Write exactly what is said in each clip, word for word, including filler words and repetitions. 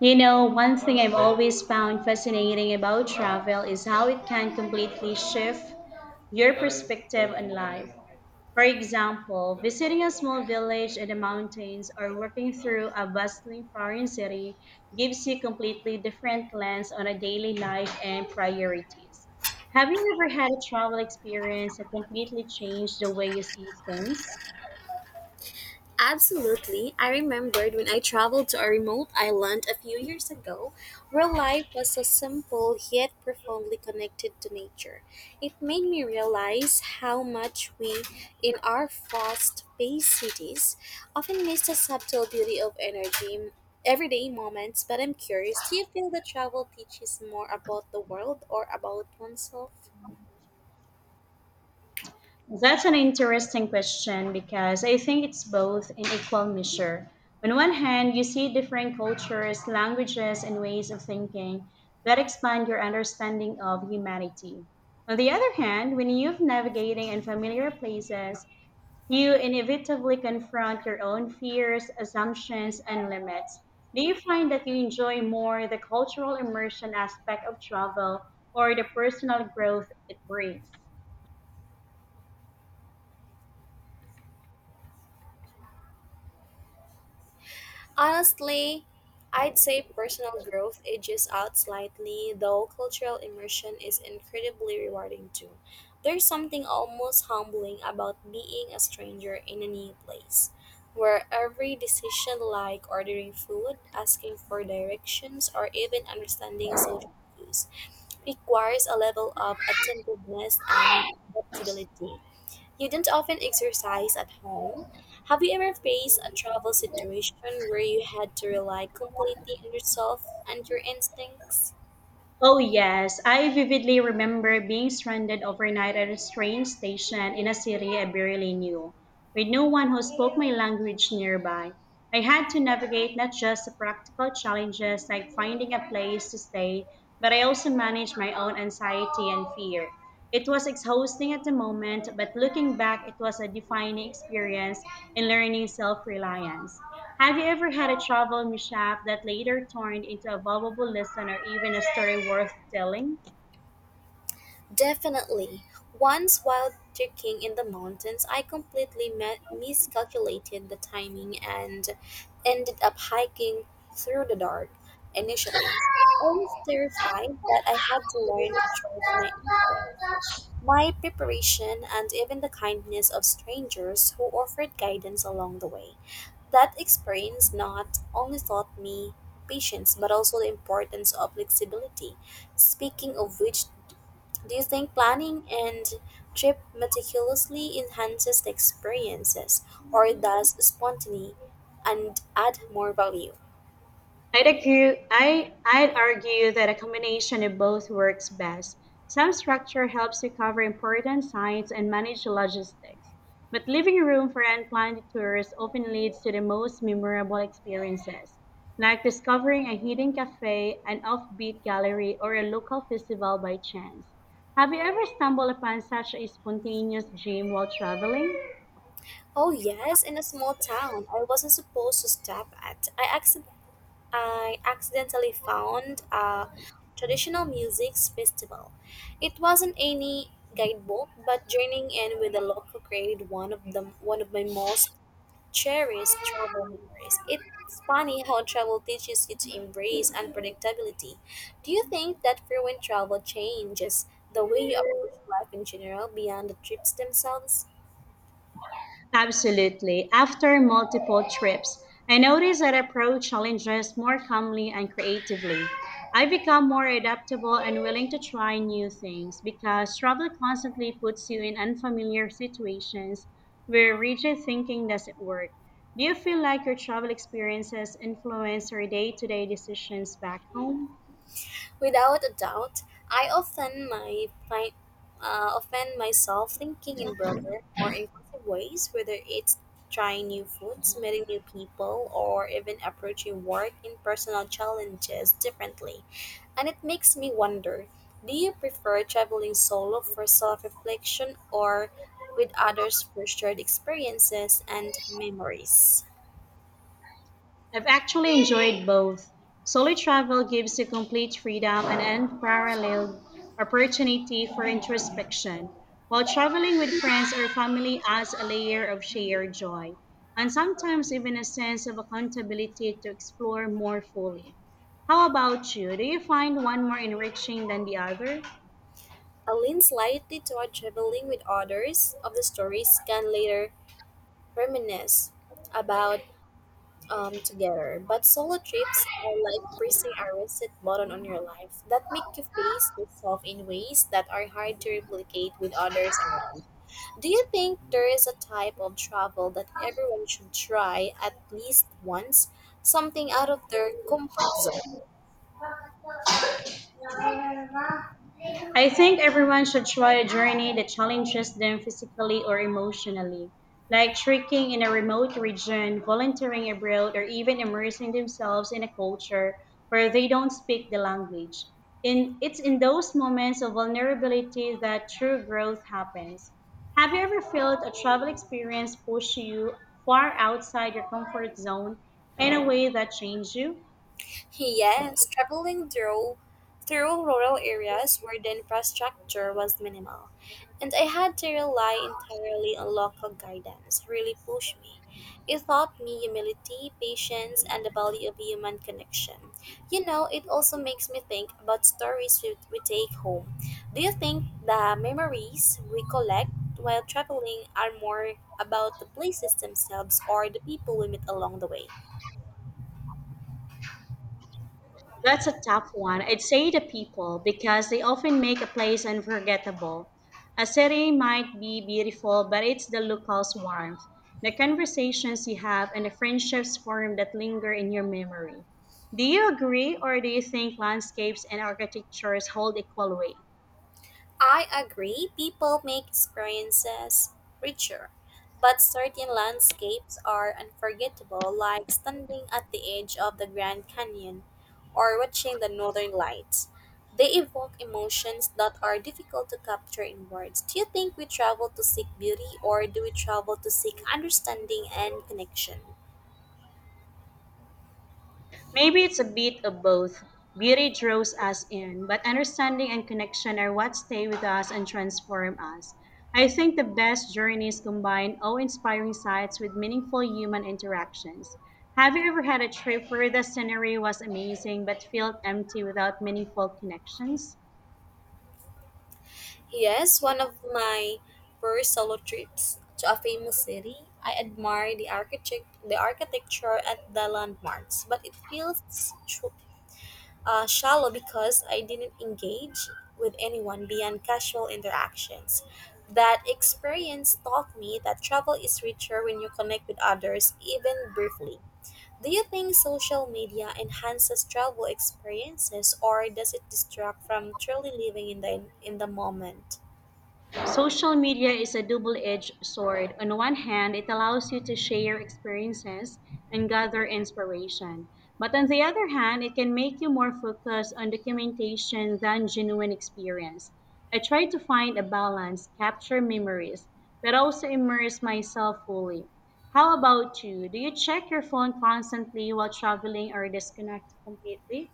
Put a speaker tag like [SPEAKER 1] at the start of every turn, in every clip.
[SPEAKER 1] You know, one thing I've always found fascinating about travel is how it can completely shift your perspective on life. For example, visiting a small village in the mountains or working through a bustling foreign city gives you completely different lens on a daily life and priorities. Have you ever had a travel experience that completely changed the way you see things?
[SPEAKER 2] Absolutely. I remembered when I traveled to a remote island a few years ago, where life was so simple yet profoundly connected to nature. It made me realize how much we, in our fast paced cities, often miss the subtle beauty of energy. Everyday moments, but I'm curious, do you feel that travel teaches more about the world or about oneself?
[SPEAKER 1] That's an interesting question because I think it's both in equal measure. On one hand, you see different cultures, languages, and ways of thinking that expand your understanding of humanity. On the other hand, when you're navigating unfamiliar places, you inevitably confront your own fears, assumptions, and limits. Do you find that you enjoy more the cultural immersion aspect of travel or the personal growth it brings?
[SPEAKER 2] Honestly, I'd say personal growth edges out slightly, though cultural immersion is incredibly rewarding too. There's something almost humbling about being a stranger in a new place, where every decision, like ordering food, asking for directions, or even understanding social cues, requires a level of attentiveness and adaptability. You do not often exercise at home. Have you ever faced a travel situation where you had to rely completely on yourself and your instincts?
[SPEAKER 1] Oh, yes. I vividly remember being stranded overnight at a train station in a city I barely knew, with no one who spoke my language nearby. I had to navigate not just the practical challenges like finding a place to stay, but I also managed my own anxiety and fear. It was exhausting at the moment, but looking back, it was a defining experience in learning self reliance. Have you ever had a travel mishap that later turned into a valuable lesson or even a story worth telling?
[SPEAKER 2] Definitely. Once while trekking in the mountains, I completely me- miscalculated the timing and ended up hiking through the dark initially. I was terrified, but I had to learn to trust my instincts. My preparation, and even the kindness of strangers who offered guidance along the way. That experience not only taught me patience but also the importance of flexibility. Speaking of which, do you think planning and trip meticulously enhances the experiences or does spontaneity and add more value?
[SPEAKER 1] I'd argue, I, I'd argue that a combination of both works best. Some structure helps you cover important sites and manage logistics, but leaving room for unplanned tours often leads to the most memorable experiences, like discovering a hidden cafe, an offbeat gallery, or a local festival by chance. Have you ever stumbled upon such a spontaneous dream while traveling?
[SPEAKER 2] Oh yes, in a small town I wasn't supposed to stop at. I accidentally I accidentally found a traditional music festival. It wasn't any guidebook, but joining in with the local created one of the one of my most cherished travel memories. It's funny how travel teaches you to embrace unpredictability. Do you think that frequent travel changes the way you approach life in general beyond the trips themselves?
[SPEAKER 1] Absolutely. After multiple trips, I notice that I approach challenges more calmly and creatively. I become more adaptable and willing to try new things because travel constantly puts you in unfamiliar situations where rigid thinking doesn't work. Do you feel like your travel experiences influence your day to day decisions back home?
[SPEAKER 2] Without a doubt, I often my, my uh, offend myself thinking in broader, more inclusive ways, whether it's trying new foods, meeting new people, or even approaching work and personal challenges differently. And it makes me wonder, do you prefer traveling solo for self-reflection or with others for shared experiences and memories?
[SPEAKER 1] I've actually enjoyed both. Solo travel gives you complete freedom and unparalleled opportunity for introspection, while traveling with friends or family adds a layer of shared joy, and sometimes even a sense of accountability to explore more fully. How about you? Do you find one more enriching than the other?
[SPEAKER 2] I lean slightly toward traveling with others of the stories can later reminisce about um together. But solo trips are like pressing a reset button on your life that make you face yourself in ways that are hard to replicate with others around. Do you think there is a type of travel that everyone should try at least once? Something out of their comfort zone?
[SPEAKER 1] I think everyone should try a journey that challenges them physically or emotionally, like trekking in a remote region, volunteering abroad, or even immersing themselves in a culture where they don't speak the language. In, it's in those moments of vulnerability that true growth happens. Have you ever felt a travel experience push you far outside your comfort zone in a way that changed you?
[SPEAKER 2] Yes, traveling through through rural areas where the infrastructure was minimal, and I had to rely entirely on local guidance, really pushed me. It taught me humility, patience, and the value of human connection. You know, it also makes me think about stories we, we take home. Do you think the memories we collect while traveling are more about the places themselves or the people we meet along the way?
[SPEAKER 1] That's a tough one. I'd say the people because they often make a place unforgettable. A city might be beautiful, but it's the locals' warmth, the conversations you have, and the friendships formed that linger in your memory. Do you agree, or do you think landscapes and architectures hold equal weight?
[SPEAKER 2] I agree, people make experiences richer, but certain landscapes are unforgettable, like standing at the edge of the Grand Canyon or watching the northern lights. They evoke emotions that are difficult to capture in words. Do you think we travel to seek beauty, or do we travel to seek understanding and connection?
[SPEAKER 1] Maybe it's a bit of both. Beauty draws us in, but understanding and connection are what stay with us and transform us. I think the best journeys combine awe inspiring sights with meaningful human interactions. Have you ever had a trip where the scenery was amazing but felt empty without meaningful connections?
[SPEAKER 2] Yes, one of my first solo trips to a famous city. I admire the architect, the architecture and the landmarks, but it feels sh- uh, shallow because I didn't engage with anyone beyond casual interactions. That experience taught me that travel is richer when you connect with others, even briefly. Do you think social media enhances travel experiences, or does it distract from truly living in the in the moment?
[SPEAKER 1] Social media is a double edged sword. On one hand, it allows you to share experiences and gather inspiration. But on the other hand, it can make you more focused on documentation than genuine experience. I try to find a balance, capture memories, but also immerse myself fully. How about you? Do you check your phone constantly while traveling or disconnect completely?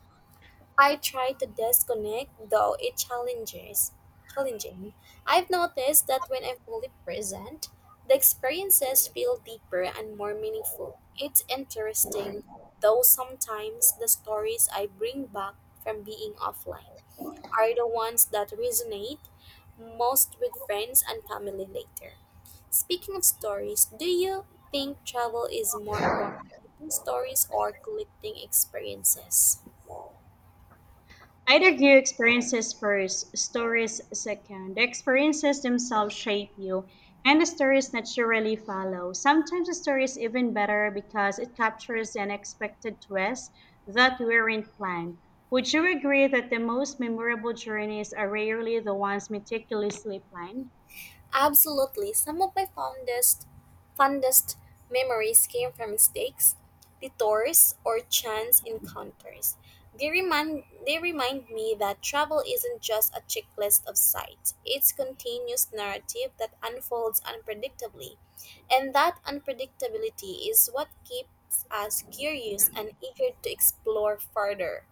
[SPEAKER 2] I try to disconnect, though it challenges challenging. I've noticed that when I'm fully present, the experiences feel deeper and more meaningful. It's interesting, though sometimes the stories I bring back from being offline are the ones that resonate most with friends and family later. Speaking of stories, do you think travel is more about making stories or collecting experiences?
[SPEAKER 1] Either you experiences first, stories second. The experiences themselves shape you, and the stories naturally follow. Sometimes the story is even better because it captures an unexpected twist that weren't planned. Would you agree that the most memorable journeys are rarely the ones meticulously planned?
[SPEAKER 2] Absolutely. Some of my fondest fondest memories came from mistakes, detours, or chance encounters. They remind they remind me that travel isn't just a checklist of sights. It's continuous narrative that unfolds unpredictably. And that unpredictability is what keeps us curious and eager to explore further.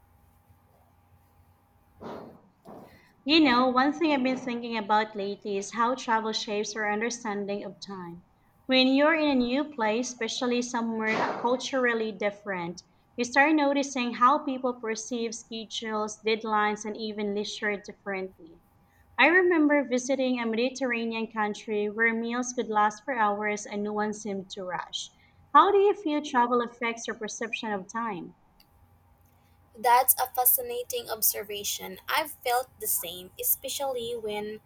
[SPEAKER 1] You know, one thing I've been thinking about lately is how travel shapes our understanding of time. When you're in a new place, especially somewhere culturally different, you start noticing how people perceive schedules, deadlines, and even leisure differently. I remember visiting a Mediterranean country where meals could last for hours and no one seemed to rush. How do you feel travel affects your perception of time?
[SPEAKER 2] That's a fascinating observation. I've felt the same, especially when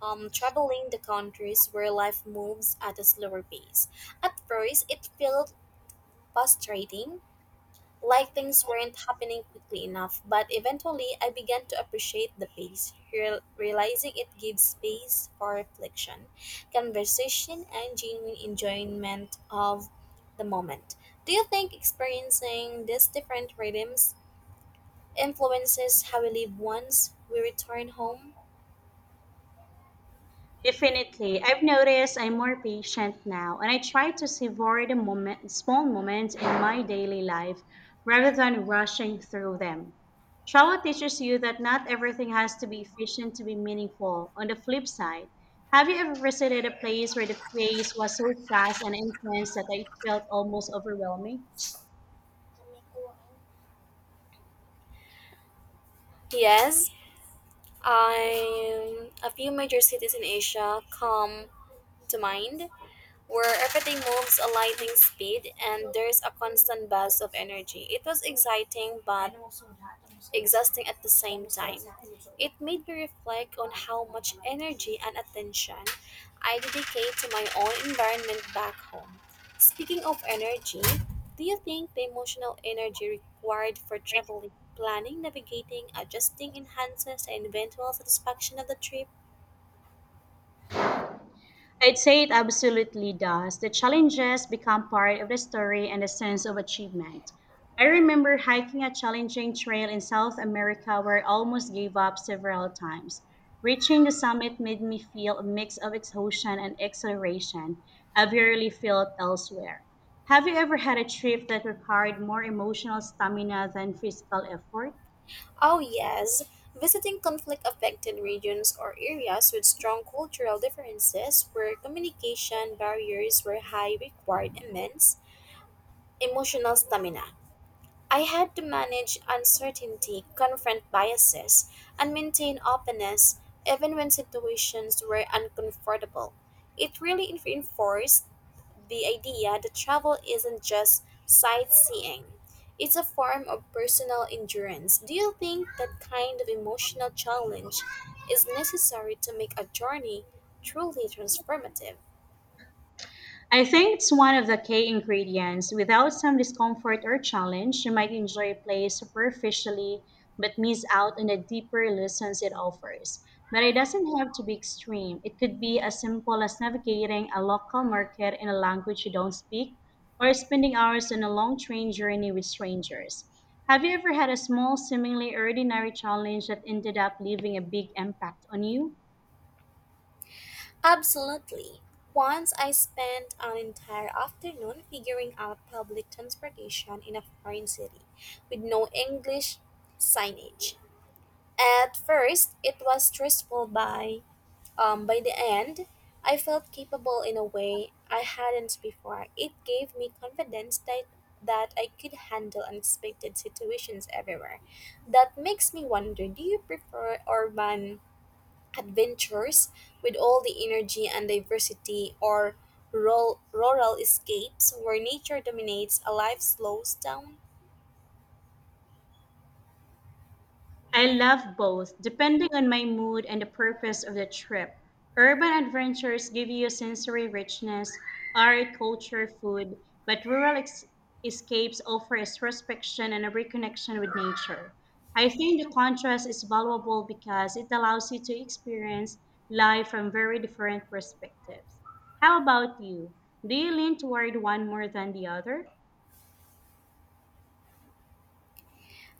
[SPEAKER 2] um, traveling the countries where life moves at a slower pace. At first, it felt frustrating, like things weren't happening quickly enough, but eventually I began to appreciate the pace, real- realizing it gives space for reflection, conversation, and genuine enjoyment of the moment. Do you think experiencing these different rhythms influences how we live once we return home?
[SPEAKER 1] Definitely. I've noticed I'm more patient now, and I try to savor the moment, small moments in my daily life rather than rushing through them. Travel teaches you that not everything has to be efficient to be meaningful. On the flip side, have you ever visited a place where the pace was so fast and intense that it felt almost overwhelming?
[SPEAKER 2] Yes, I a few major cities in Asia come to mind where everything moves a lightning speed and there's a constant buzz of energy. It was exciting but exhausting at the same time. It made me reflect on how much energy and attention I dedicate to my own environment back home. Speaking of energy, do you think the emotional energy required for traveling, planning, navigating, adjusting enhances the eventual satisfaction of the trip?
[SPEAKER 1] I'd say it absolutely does. The challenges become part of the story and the sense of achievement. I remember hiking a challenging trail in South America where I almost gave up several times. Reaching the summit made me feel a mix of exhaustion and exhilaration I've rarely felt elsewhere. Have you ever had a trip that required more emotional stamina than physical effort?
[SPEAKER 2] Oh, yes. Visiting conflict affected regions or areas with strong cultural differences where communication barriers were high required immense emotional stamina. I had to manage uncertainty, confront biases, and maintain openness even when situations were uncomfortable. It really reinforced the idea that travel isn't just sightseeing. It's a form of personal endurance. Do you think that kind of emotional challenge is necessary to make a journey truly transformative?
[SPEAKER 1] I think it's one of the key ingredients. Without some discomfort or challenge, you might enjoy a play superficially but miss out on the deeper lessons it offers. But it doesn't have to be extreme. It could be as simple as navigating a local market in a language you don't speak or spending hours on a long train journey with strangers. Have you ever had a small, seemingly ordinary challenge that ended up leaving a big impact on you?
[SPEAKER 2] Absolutely. Once I spent an entire afternoon figuring out public transportation in a foreign city with no English signage. At first, it was stressful by Um, by the end, I felt capable in a way I hadn't before. It gave me confidence that, that I could handle unexpected situations everywhere. That makes me wonder, do you prefer urban adventures with all the energy and diversity, or rural, rural escapes where nature dominates and life slows down?
[SPEAKER 1] I love both, depending on my mood and the purpose of the trip. Urban adventures give you sensory richness, art, culture, food, but rural ex- escapes offer introspection and a reconnection with nature. I think the contrast is valuable because it allows you to experience life from very different perspectives. How about you? Do you lean toward one more than the other?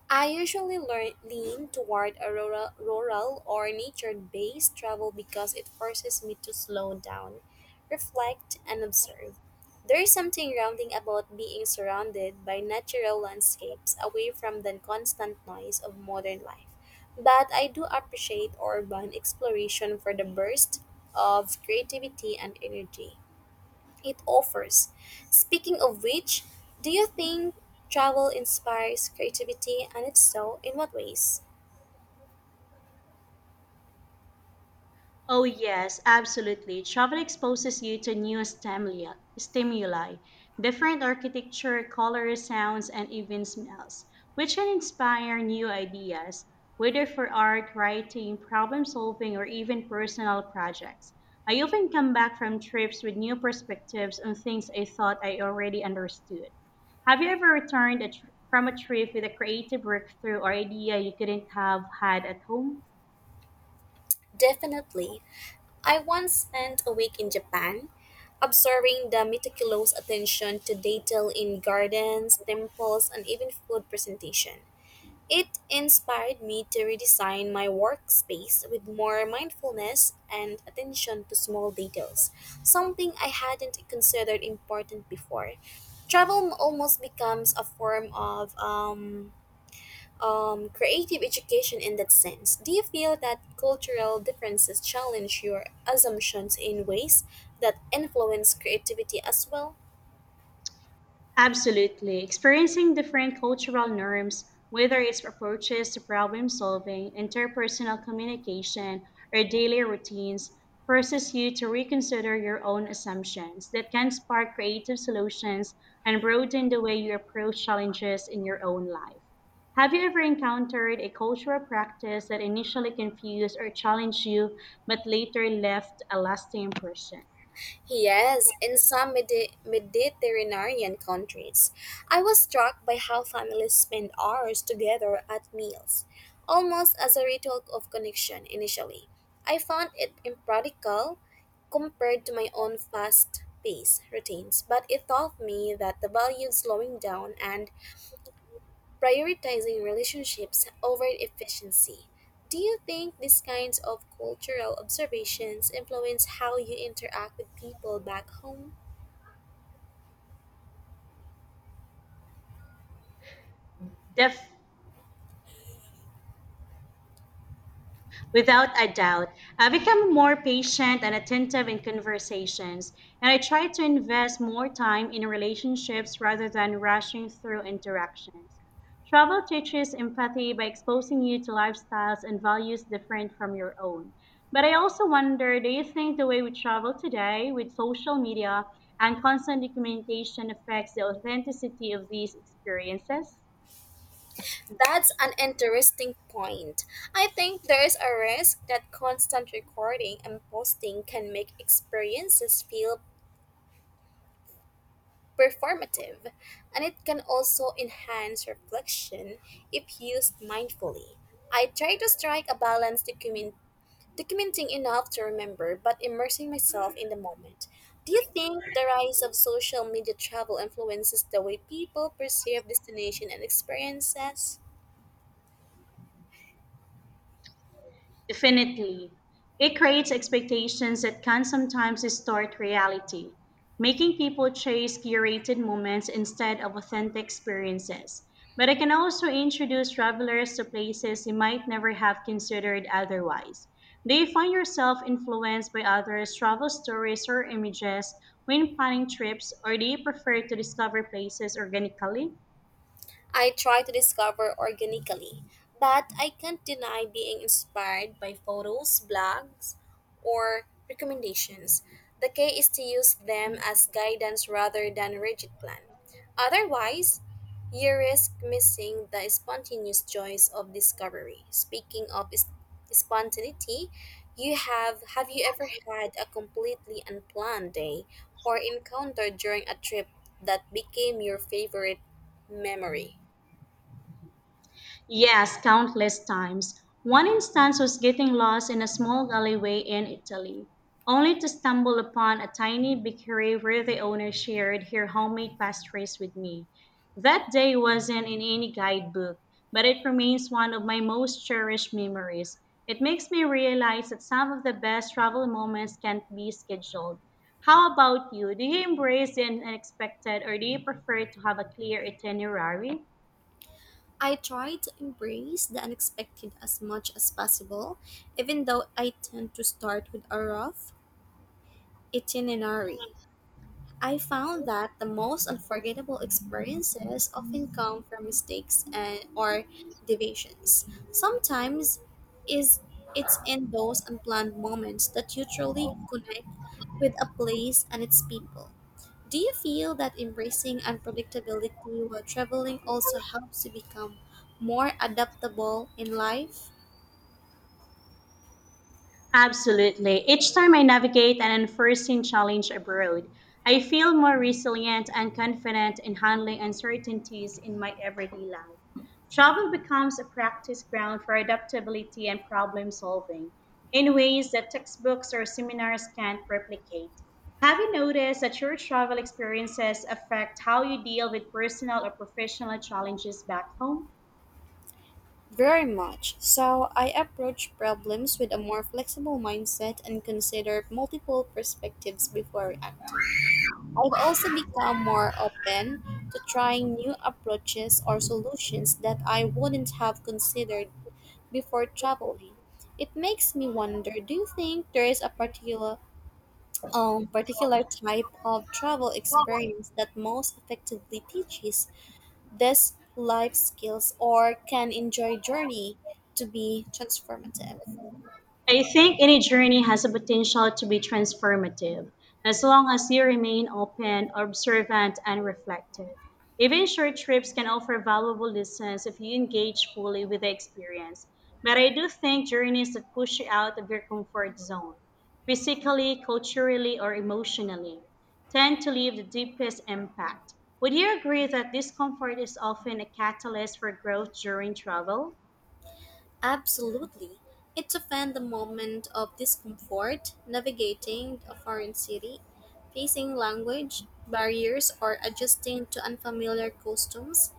[SPEAKER 2] I usually learn, lean toward a rural, rural or nature based travel because it forces me to slow down, reflect, and observe. There is something grounding about being surrounded by natural landscapes away from the constant noise of modern life. But I do appreciate urban exploration for the burst of creativity and energy it offers. Speaking of which, do you think travel inspires creativity, and if so, in what ways?
[SPEAKER 1] Oh, yes, absolutely. Travel exposes you to new stimuli, stimuli, different architecture, colors, sounds, and even smells, which can inspire new ideas, whether for art, writing, problem solving, or even personal projects. I often come back from trips with new perspectives on things I thought I already understood. Have you ever returned a tr- from a trip with a creative breakthrough or idea you couldn't have had at home?
[SPEAKER 2] Definitely. I once spent a week in Japan, observing the meticulous attention to detail in gardens, temples, and even food presentation. It inspired me to redesign my workspace with more mindfulness and attention to small details, something I hadn't considered important before. Travel almost becomes a form of um, um, creative education in that sense. Do you feel that cultural differences challenge your assumptions in ways that influence creativity as well?
[SPEAKER 1] Absolutely. Experiencing different cultural norms, whether it's approaches to problem solving, interpersonal communication, or daily routines, forces you to reconsider your own assumptions that can spark creative solutions and broaden the way you approach challenges in your own life. Have you ever encountered a cultural practice that initially confused or challenged you but later left a lasting impression?
[SPEAKER 2] Yes, in some Medi- Mediterranean countries, I was struck by how families spend hours together at meals, almost as a ritual of connection initially. I found it impractical compared to my own fast paced routines, but it taught me that the value of slowing down and prioritizing relationships over efficiency. Do you think these kinds of cultural observations influence how you interact with people back home?
[SPEAKER 1] Def- Without a doubt, I become more patient and attentive in conversations, and I try to invest more time in relationships rather than rushing through interactions. Travel teaches empathy by exposing you to lifestyles and values different from your own. But I also wonder, do you think the way we travel today with social media and constant communication affects the authenticity of these experiences?
[SPEAKER 2] That's an interesting point. I think there is a risk that constant recording and posting can make experiences feel performative, and it can also enhance reflection if used mindfully. I try to strike a balance document- documenting enough to remember but immersing myself in the moment. Do you think the rise of social media travel influences the way people perceive destination and experiences?
[SPEAKER 1] Definitely. It creates expectations that can sometimes distort reality, making people chase curated moments instead of authentic experiences. But it can also introduce travelers to places they might never have considered otherwise. Do you find yourself influenced by others' travel stories or images when planning trips, or do you prefer to discover places organically?
[SPEAKER 2] I try to discover organically, but I can't deny being inspired by photos, blogs, or recommendations. The key is to use them as guidance rather than rigid plan. Otherwise, you risk missing the spontaneous joys of discovery. Speaking of is- spontaneity, you have have you ever had a completely unplanned day or encounter during a trip that became your favorite memory?
[SPEAKER 1] Yes, countless times. One instance was getting lost in a small alleyway in Italy, only to stumble upon a tiny bakery where the owner shared her homemade pastries with me. That day wasn't in any guidebook, but it remains one of my most cherished memories. It makes me realize that some of the best travel moments can't be scheduled. How about you? Do you embrace the unexpected or do you prefer to have a clear itinerary?
[SPEAKER 2] I try to embrace the unexpected as much as possible, even though I tend to start with a rough itinerary. I found that the most unforgettable experiences often come from mistakes and or deviations. Sometimes is it's in those unplanned moments that you truly connect with a place and its people. Do you feel that embracing unpredictability while traveling also helps you become more adaptable in life?
[SPEAKER 1] Absolutely. Each time I navigate an unforeseen challenge abroad, I feel more resilient and confident in handling uncertainties in my everyday life. Travel becomes a practice ground for adaptability and problem solving in ways that textbooks or seminars can't replicate. Have you noticed that your travel experiences affect how you deal with personal or professional challenges back home?
[SPEAKER 2] Very much. So, I approach problems with a more flexible mindset and consider multiple perspectives before acting. I've also become more open to trying new approaches or solutions that I wouldn't have considered before traveling. It makes me wonder, do you think there is a particular um, particular type of travel experience that most effectively teaches this life skills or can enjoy journey to be transformative.
[SPEAKER 1] I think any journey has a potential to be transformative as long as you remain open, observant, and reflective. Even short trips can offer valuable lessons if you engage fully with the experience. But I do think journeys that push you out of your comfort zone, physically, culturally, or emotionally, tend to leave the deepest impact. Would you agree that discomfort is often a catalyst for growth during travel?
[SPEAKER 2] Absolutely. It's often the moment of discomfort, navigating a foreign city, facing language barriers, or adjusting to unfamiliar customs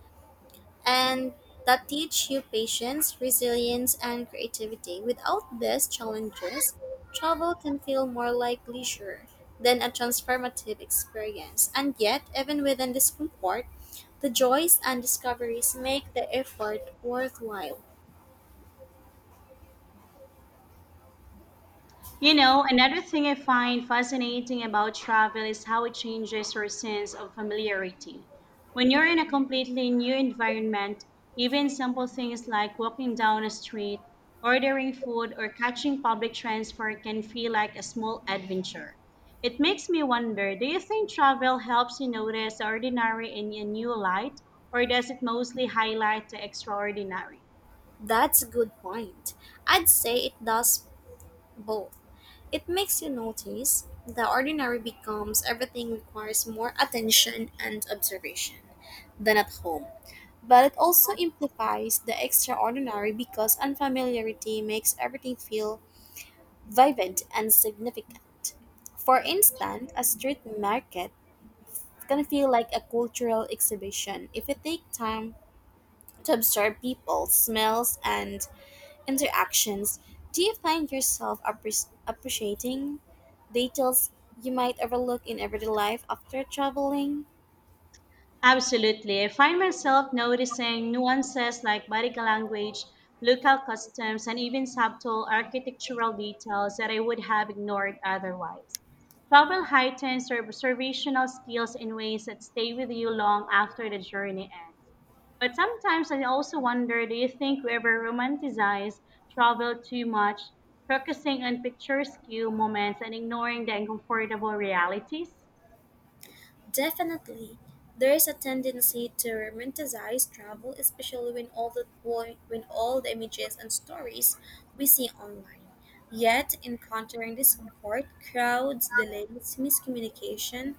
[SPEAKER 2] and that teach you patience, resilience, and creativity. Without these challenges, travel can feel more like leisure than a transformative experience. And yet, even within discomfort, the joys and discoveries make the effort worthwhile.
[SPEAKER 1] You know, another thing I find fascinating about travel is how it changes your sense of familiarity. When you're in a completely new environment, even simple things like walking down a street, ordering food, or catching public transport can feel like a small adventure. It makes me wonder, do you think travel helps you notice the ordinary in a new light, or does it mostly highlight the extraordinary?
[SPEAKER 2] That's a good point. I'd say it does both. It makes you notice the ordinary becomes everything requires more attention and observation than at home. But it also amplifies the extraordinary because unfamiliarity makes everything feel vibrant and significant. For instance, a street market can feel like a cultural exhibition if you take time to observe people, smells, and interactions. Do you find yourself appre- appreciating details you might overlook in everyday life after traveling?
[SPEAKER 1] Absolutely. I find myself noticing nuances like body language, local customs, and even subtle architectural details that I would have ignored otherwise. Travel heightens your observational skills in ways that stay with you long after the journey ends. But sometimes I also wonder, do you think we ever romanticize travel too much, focusing on picturesque moments and ignoring the uncomfortable realities?
[SPEAKER 2] Definitely, there is a tendency to romanticize travel, especially when all the when all the images and stories we see online. Yet, encountering discomfort, crowds, delays, miscommunication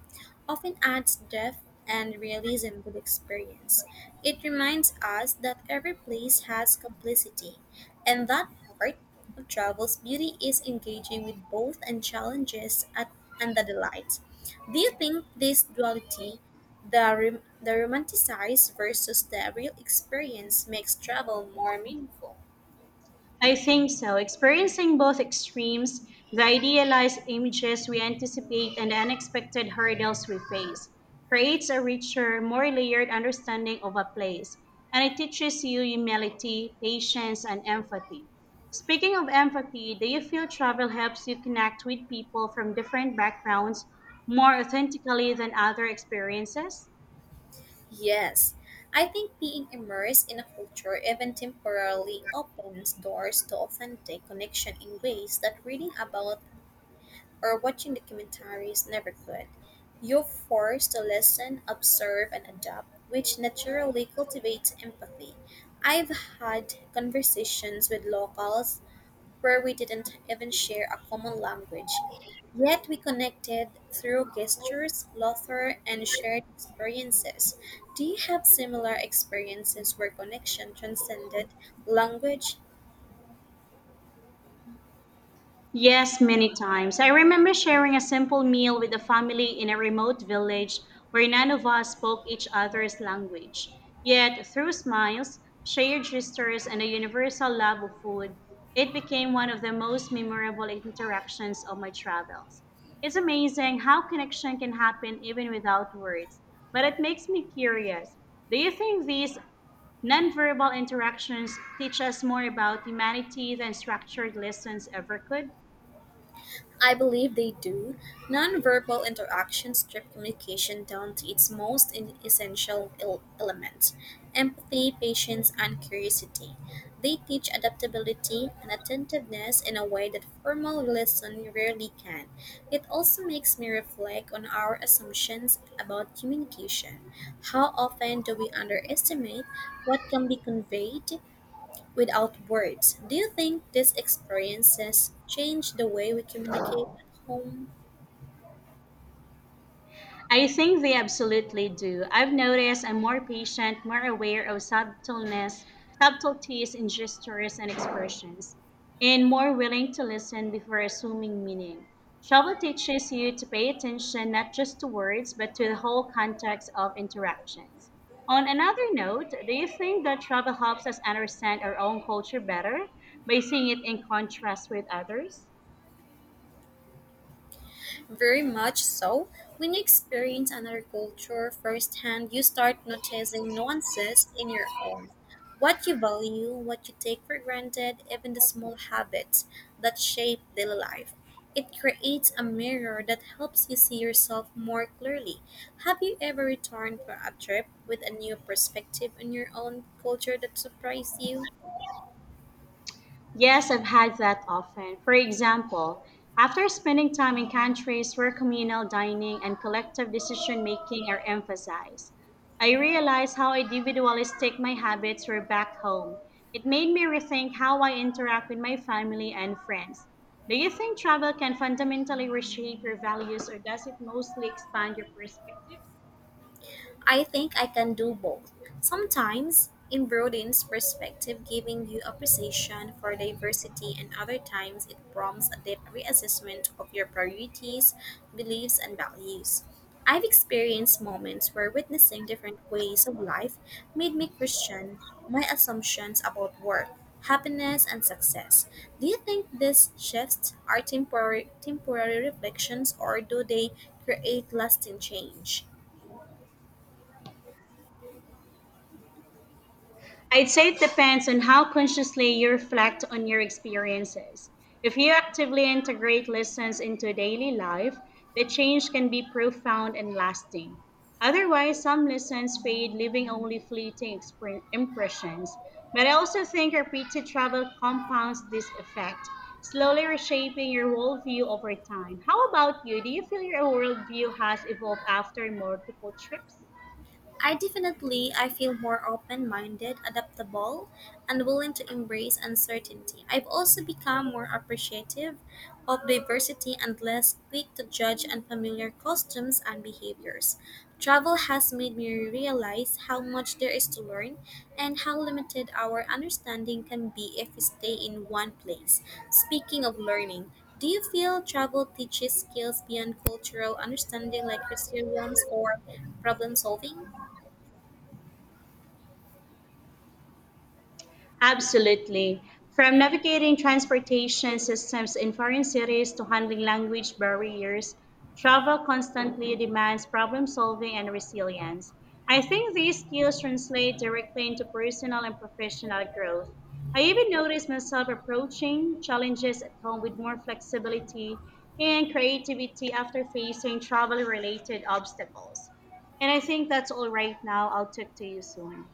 [SPEAKER 2] often adds depth and realism to the experience. It reminds us that every place has complicity, and that part of travel's beauty is engaging with both and challenges at, and the delight. Do you think this duality, the, rom- the romanticized versus the real experience, makes travel more meaningful?
[SPEAKER 1] I think so. Experiencing both extremes, the idealized images we anticipate and the unexpected hurdles we face, creates a richer, more layered understanding of a place, and it teaches you humility, patience, and empathy. Speaking of empathy, do you feel travel helps you connect with people from different backgrounds more authentically than other experiences?
[SPEAKER 2] Yes, I think being immersed in a culture, even temporarily, opens doors to authentic connection in ways that reading about or watching documentaries never could. You're forced to listen, observe, and adapt, which naturally cultivates empathy. I've had conversations with locals where we didn't even share a common language. Yet we connected through gestures, laughter, and shared experiences. Do you have similar experiences where connection transcended language?
[SPEAKER 1] Yes, many times. I remember sharing a simple meal with a family in a remote village where none of us spoke each other's language. Yet, through smiles, shared gestures, and a universal love of food, it became one of the most memorable interactions of my travels. It's amazing how connection can happen even without words, but it makes me curious. Do you think these nonverbal interactions teach us more about humanity than structured lessons ever could?
[SPEAKER 2] I believe they do. Nonverbal interactions strip communication down to its most in- essential el- elements empathy, patience, and curiosity. They teach adaptability and attentiveness in a way that formal lesson rarely can. It also makes me reflect on our assumptions about communication. How often do we underestimate what can be conveyed without words, do you think these experiences change the way we communicate at home?
[SPEAKER 1] I think they absolutely do. I've noticed I'm more patient, more aware of subtleness, subtleties in gestures and expressions, and more willing to listen before assuming meaning. Travel teaches you to pay attention not just to words, but to the whole context of interactions. On another note, do you think that travel helps us understand our own culture better by seeing it in contrast with others?
[SPEAKER 2] Very much so. When you experience another culture firsthand, you start noticing nuances in your own. What you value, what you take for granted, even the small habits that shape daily life. It creates a mirror that helps you see yourself more clearly. Have you ever returned from a trip with a new perspective on your own culture that surprised you?
[SPEAKER 1] Yes, I've had that often. For example, after spending time in countries where communal dining and collective decision making are emphasized, I realized how individualistic my habits were back home. It made me rethink how I interact with my family and friends. Do you think travel can fundamentally reshape your values or does it mostly expand your perspectives?
[SPEAKER 2] I think I can do both. Sometimes it broadens perspective, giving you appreciation for diversity, and other times it prompts a deep reassessment of your priorities, beliefs, and values. I've experienced moments where witnessing different ways of life made me question my assumptions about work, happiness, and success. Do you think these shifts are temporary, temporary reflections or do they create lasting change?
[SPEAKER 1] I'd say it depends on how consciously you reflect on your experiences. If you actively integrate lessons into daily life, the change can be profound and lasting. Otherwise, some lessons fade, leaving only fleeting expre- impressions. But I also think repeated travel compounds this effect, slowly reshaping your worldview over time. How about you? Do you feel your worldview has evolved after multiple trips?
[SPEAKER 2] I definitely I feel more open-minded, adaptable, and willing to embrace uncertainty. I've also become more appreciative of diversity and less quick to judge unfamiliar costumes and behaviors. Travel has made me realize how much there is to learn and how limited our understanding can be if we stay in one place. Speaking of learning, do you feel travel teaches skills beyond cultural understanding like resilience or problem solving?
[SPEAKER 1] Absolutely. From navigating transportation systems in foreign cities to handling language barriers, travel constantly demands problem solving and resilience. I think these skills translate directly into personal and professional growth. I even noticed myself approaching challenges at home with more flexibility and creativity after facing travel related obstacles. And I think that's all right now. I'll talk to you soon.